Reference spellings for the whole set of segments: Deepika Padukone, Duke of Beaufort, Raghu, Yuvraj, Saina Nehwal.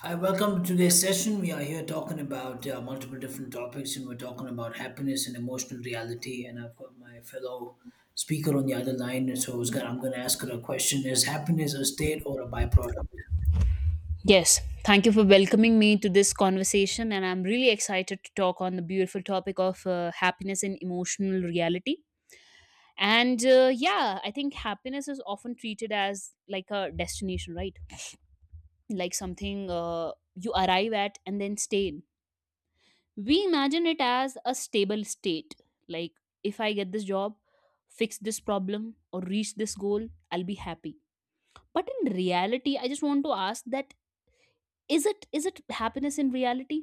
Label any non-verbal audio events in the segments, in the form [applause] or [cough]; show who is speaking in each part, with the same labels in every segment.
Speaker 1: Hi, welcome to today's session. We are here talking about multiple different topics, and we're talking about happiness and emotional reality. And I've got my fellow speaker on the other line, and so I'm going to ask her a question: Is happiness a state or a byproduct?
Speaker 2: Yes, thank you for welcoming me to this conversation, and I'm really excited to talk on the beautiful topic of happiness and emotional reality. And yeah, I think happiness is often treated as like a destination, right? Like something you arrive at and then stay in. We imagine it as a stable state. Like, if I get this job, fix this problem, or reach this goal, I'll be happy. But in reality, I just want to ask that is it happiness in reality,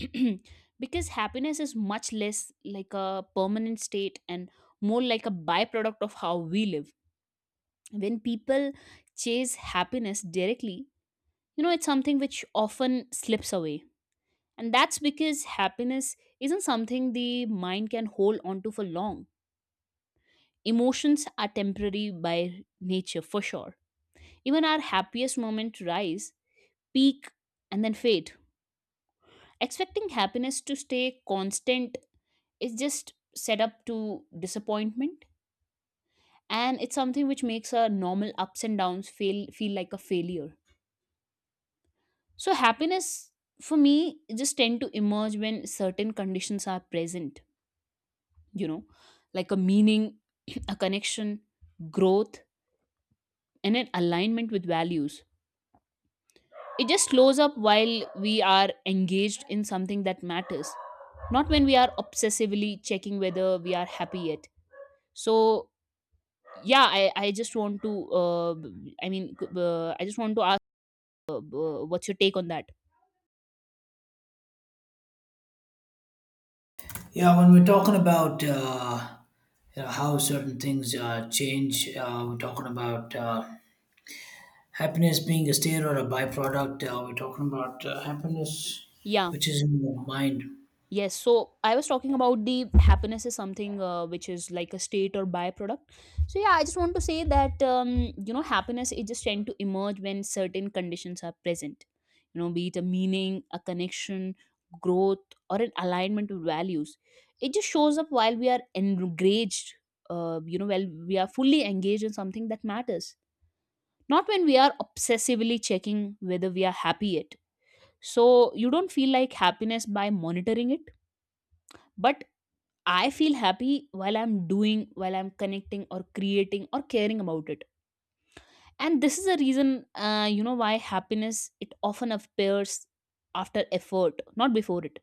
Speaker 2: [clears throat] because happiness is much less like a permanent state and more like a byproduct of how we live. When people chase happiness directly, you know it's something which often slips away, and that's because happiness isn't something the mind can hold onto for long. Emotions are temporary by nature, for sure. Even our happiest moment rise, peak, and then fade. Expecting happiness to stay constant is just set up to disappointment, and it's something which makes our normal ups and downs feel like a failure. So happiness for me just tend to emerge when certain conditions are present, you know, like a meaning, [clears throat] a connection, growth and an alignment with values. It just slows up while we are engaged in something that matters, not when we are obsessively checking whether we are happy yet. So yeah, I just want to I just want to ask, what's your take on that?
Speaker 1: Yeah, when we're talking about you know, how certain things change, we're talking about happiness being a state or a byproduct. We're talking about happiness,
Speaker 2: Yeah.
Speaker 1: which is in your mind.
Speaker 2: Yes, so I was talking about the happiness is something which is like a state or byproduct. So yeah, I just want to say that, you know, happiness, it just tend to emerge when certain conditions are present, you know, be it a meaning, a connection, growth or an alignment with values. It just shows up while we are engaged, you know, while we are fully engaged in something that matters, not when we are obsessively checking whether we are happy yet. So you don't feel like happiness by monitoring it, but I feel happy while I'm doing, while I'm connecting or creating or caring about it. And this is the reason, why happiness it often appears after effort, not before it.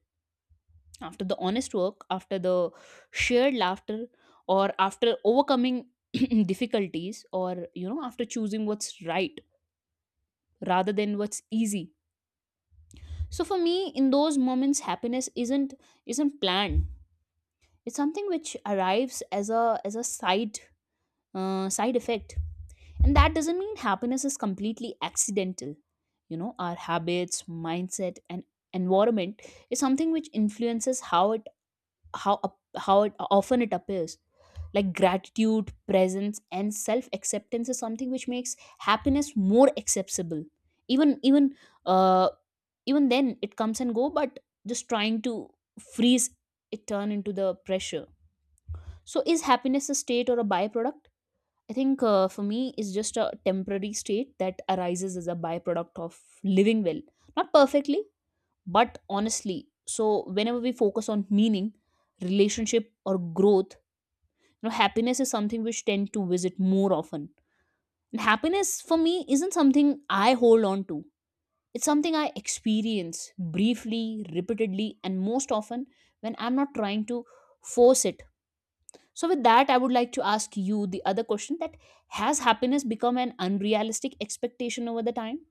Speaker 2: After the honest work, after the shared laughter, or after overcoming [clears throat] difficulties, or you know, after choosing what's right rather than what's easy. So for me in those moments, happiness isn't planned. It's something which arrives as a side side effect. And that doesn't mean happiness is completely accidental. You know, our habits, mindset and environment is something which influences how often it appears. Like gratitude, presence and self acceptance is something which makes happiness more accessible. Even even uh even then it comes and go, but just trying to freeze it turn into the pressure. So is happiness a state or a byproduct? I think for me it's just a temporary state that arises as a byproduct of living well, not perfectly, but honestly. So whenever we focus on meaning, relationship, or growth, you know, happiness is something which tend to visit more often. And happiness for me isn't something I hold on to. It's something I experience briefly, repeatedly, and most often when I'm not trying to force it. So with that, I would like to ask you the other question: that has happiness become an unrealistic expectation over the time?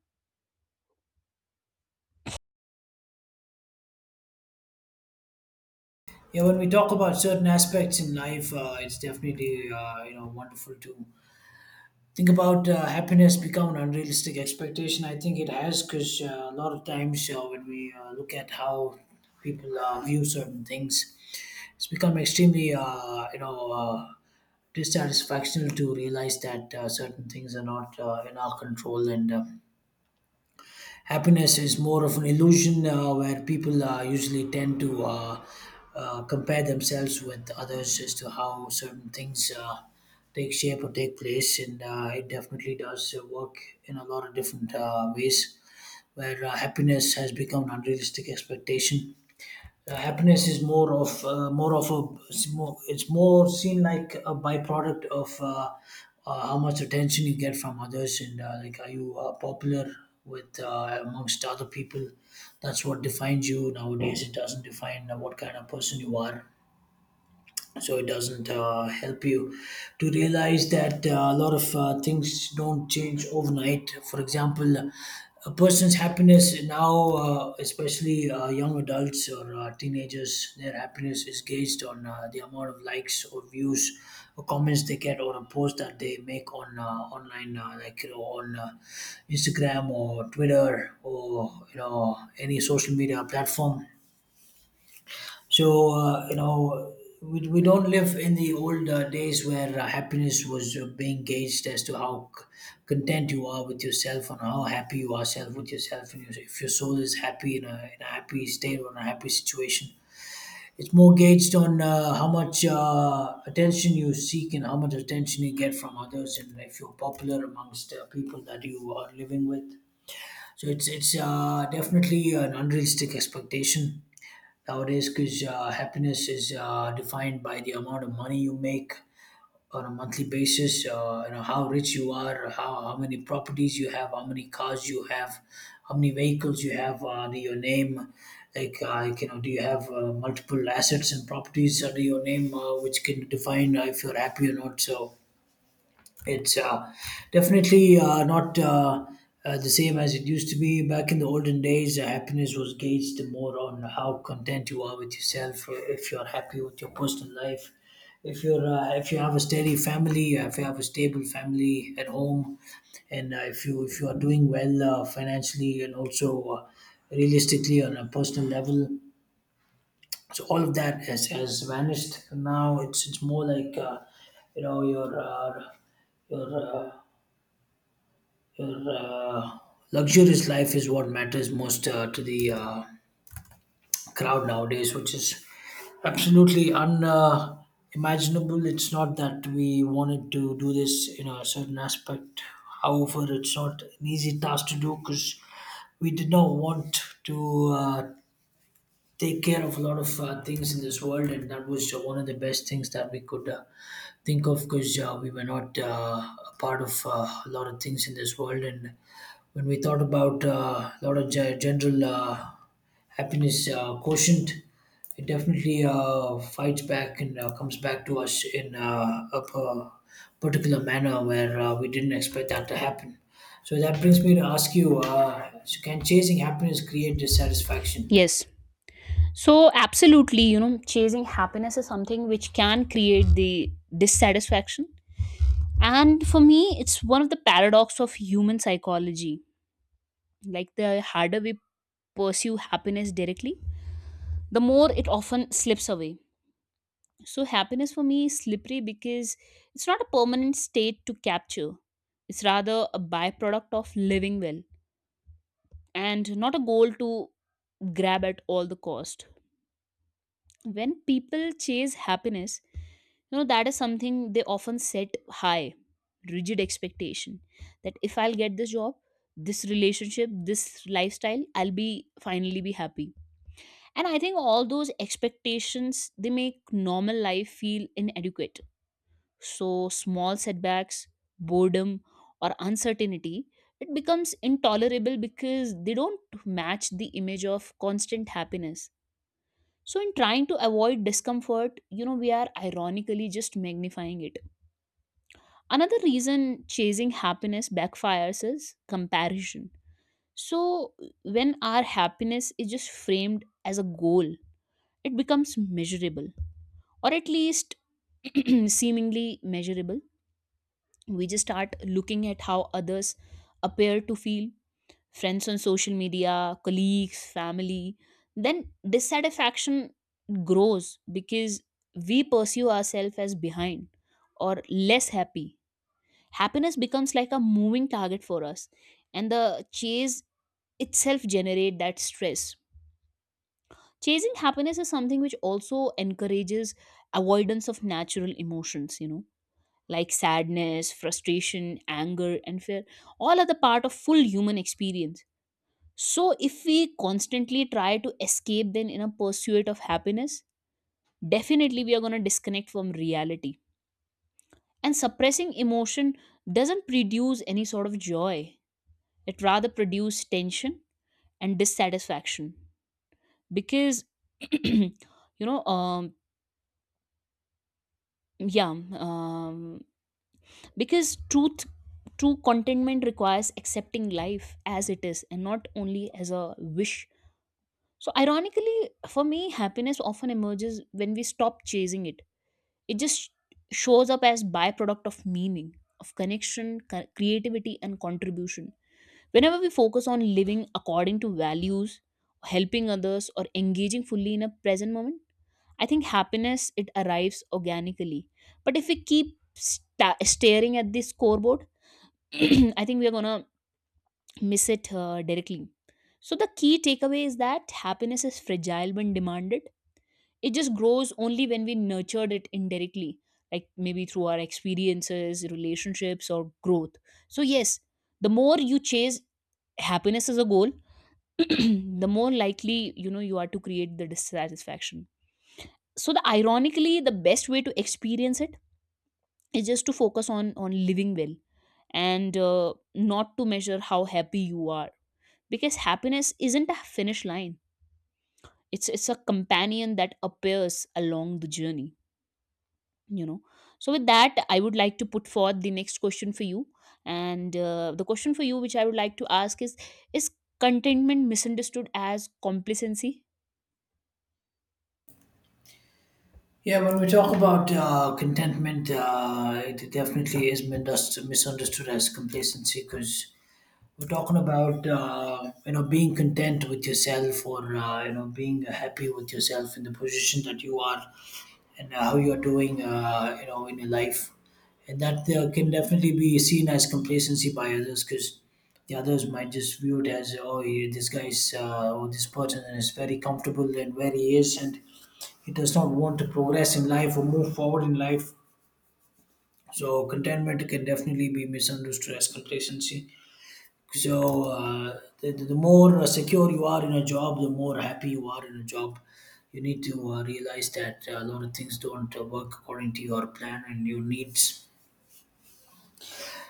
Speaker 1: Yeah, when we talk about certain aspects in life, it's definitely you know wonderful to think about happiness become an unrealistic expectation. I think it has because a lot of times when we look at how people view certain things, it's become extremely dissatisfaction to realize that certain things are not in our control and. Happiness is more of an illusion where people usually tend to compare themselves with others as to how certain things take shape or take place. And it definitely does work in a lot of different ways where happiness has become an unrealistic expectation. Happiness is more of a it's more seen like a byproduct of how much attention you get from others, and like are you popular with amongst other people. That's what defines you nowadays. It doesn't define what kind of person you are, so it doesn't help you to realize that a lot of things don't change overnight. For example, a person's happiness now, especially young adults or teenagers, their happiness is gauged on the amount of likes or views or comments they get on a post that they make on online, like you know, on Instagram or Twitter or you know any social media platform. So you know, we don't live in the old days where happiness was being gauged as to how content you are with yourself and how happy you are self with yourself. And if your soul is happy in in a happy state or in a happy situation, it's more gauged on how much attention you seek and how much attention you get from others, and if you're popular amongst people that you are living with. So it's definitely an unrealistic expectation nowadays because happiness is defined by the amount of money you make on a monthly basis, you know, how rich you are, how many properties you have, how many cars you have, how many vehicles you have under your name, like, you know, do you have multiple assets and properties under your name which can define if you're happy or not. So it's definitely not the same as it used to be. Back in the olden days, happiness was gauged more on how content you are with yourself, if you're happy with your personal life, if you're if you have a steady family, if you have a stable family at home, and if you are doing well financially and also realistically on a personal level. So all of that has vanished. Now it's more like you know your your uh, your uh, luxurious life is what matters most to the crowd nowadays, which is absolutely unimaginable. It's not that we wanted to do this in a certain aspect. However, it's not an easy task to do because we did not want to take care of a lot of things in this world, and that was one of the best things that we could think of because we were not a part of a lot of things in this world, and when we thought about a lot of general happiness quotient, it definitely fights back and comes back to us in a particular manner where we didn't expect that to happen. So that brings me to ask you: so can chasing happiness create dissatisfaction?
Speaker 2: Yes. So, absolutely, you know, chasing happiness is something which can create the dissatisfaction. And for me, it's one of the paradox of human psychology. Like the harder we pursue happiness directly, the more it often slips away. So, happiness for me is slippery because it's not a permanent state to capture. It's rather a byproduct of living well and not a goal to grab at all the cost. When people chase happiness, you know that is something they often set high rigid expectation, that if I'll get this job, this relationship, this lifestyle, I'll be finally be happy. And I think all those expectations, they make normal life feel inadequate. So small setbacks, boredom, or uncertainty, it becomes intolerable because they don't match the image of constant happiness. So, in trying to avoid discomfort, you know, we are ironically just magnifying it. Another reason chasing happiness backfires is comparison. So, when our happiness is just framed as a goal, it becomes measurable, or at least [clears throat] seemingly measurable. We just start looking at how others appear to feel, friends on social media, colleagues, family. Then dissatisfaction grows because we pursue ourselves as behind or less happy. Happiness becomes like a moving target for us, and the chase itself generate that stress. Chasing happiness is something which also encourages avoidance of natural emotions, you know, like sadness, frustration, anger, and fear. All are the part of full human experience. So, if we constantly try to escape then in a pursuit of happiness, definitely we are going to disconnect from reality. And suppressing emotion doesn't produce any sort of joy, it rather produces tension and dissatisfaction. Because, [clears throat] you know, um, yeah, um, because truth, true contentment requires accepting life as it is and not only as a wish. So, ironically, for me, happiness often emerges when we stop chasing it. It just shows up as byproduct of meaning, of connection, creativity, and contribution. Whenever we focus on living according to values, helping others, or engaging fully in a present moment, I think happiness it arrives organically. But if we keep staring at the scoreboard, [clears throat] I think we are gonna miss it directly. So the key takeaway is that happiness is fragile when demanded, it just grows only when we nurtured it indirectly, like maybe through our experiences, relationships or growth. So yes, the more you chase happiness as a goal, [clears throat] the more likely you know you are to create the dissatisfaction. So the ironically the best way to experience it is just to focus on living well, and not to measure how happy you are, because happiness isn't a finish line. It's a companion that appears along the journey, you know. So with that, I would like to put forth the next question for you, and the question for you which I would like to ask is, is contentment misunderstood as complacency?
Speaker 1: Yeah, when we talk about contentment, it definitely is misunderstood as complacency because we're talking about you know being content with yourself, or you know being happy with yourself in the position that you are, and how you're doing, you know, in your life, and that can definitely be seen as complacency by others because the others might just view it as, oh, yeah, this guy's or this person is very comfortable and where he is, and he does not want to progress in life or move forward in life. So contentment can definitely be misunderstood as complacency. So the more secure you are in a job, the more happy you are in a job. You need to realize that a lot of things don't work according to your plan and your needs.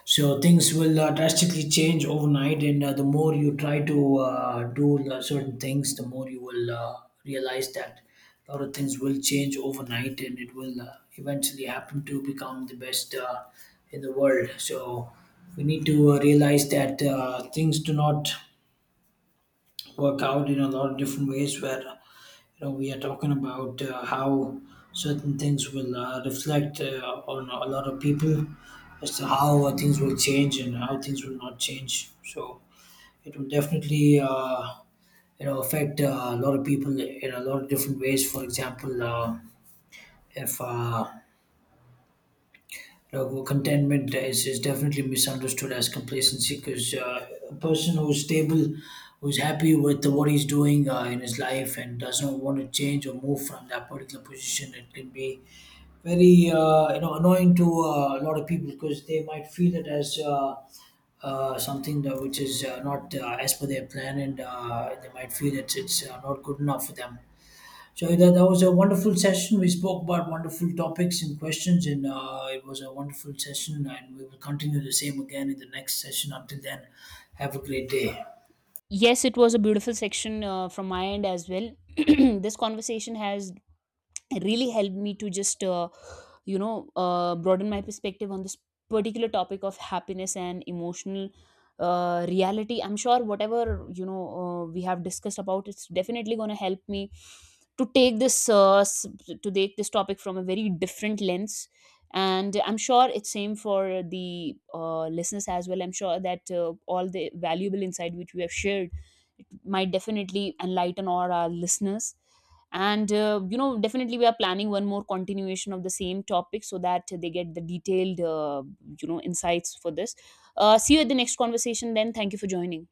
Speaker 1: So things will drastically change overnight, and the more you try to do certain things, the more you will realize that a lot of things will change overnight, and it will eventually happen to become the best in the world. So we need to realize that things do not work out in a lot of different ways where you know we are talking about how certain things will reflect on a lot of people as to how things will change and how things will not change. So it will definitely you know affect a lot of people in a lot of different ways. For example, if Raghu, contentment is definitely misunderstood as complacency because a person who's stable, who's happy with what he's doing in his life and does not want to change or move from that particular position, it can be very you know annoying to a lot of people because they might feel it as something that which is not as per their plan and they might feel that it's not good enough for them. So that was a wonderful session. We spoke about wonderful topics and questions, and it was a wonderful session. And we will continue the same again in the next session. Until then, have a great day.
Speaker 2: Yes, it was a beautiful section from my end as well. [clears throat] this conversation has, it really helped me to just broaden my perspective on this particular topic of happiness and emotional reality. I'm sure whatever we have discussed about, it's definitely going to help me to take this to take this topic from a very different lens. And I'm sure it's same for the listeners as well. I'm sure that all the valuable insight which we have shared, it might definitely enlighten all our listeners. And definitely we are planning one more continuation of the same topic so that they get the detailed insights for this. See you at the next conversation then. Thank you for joining.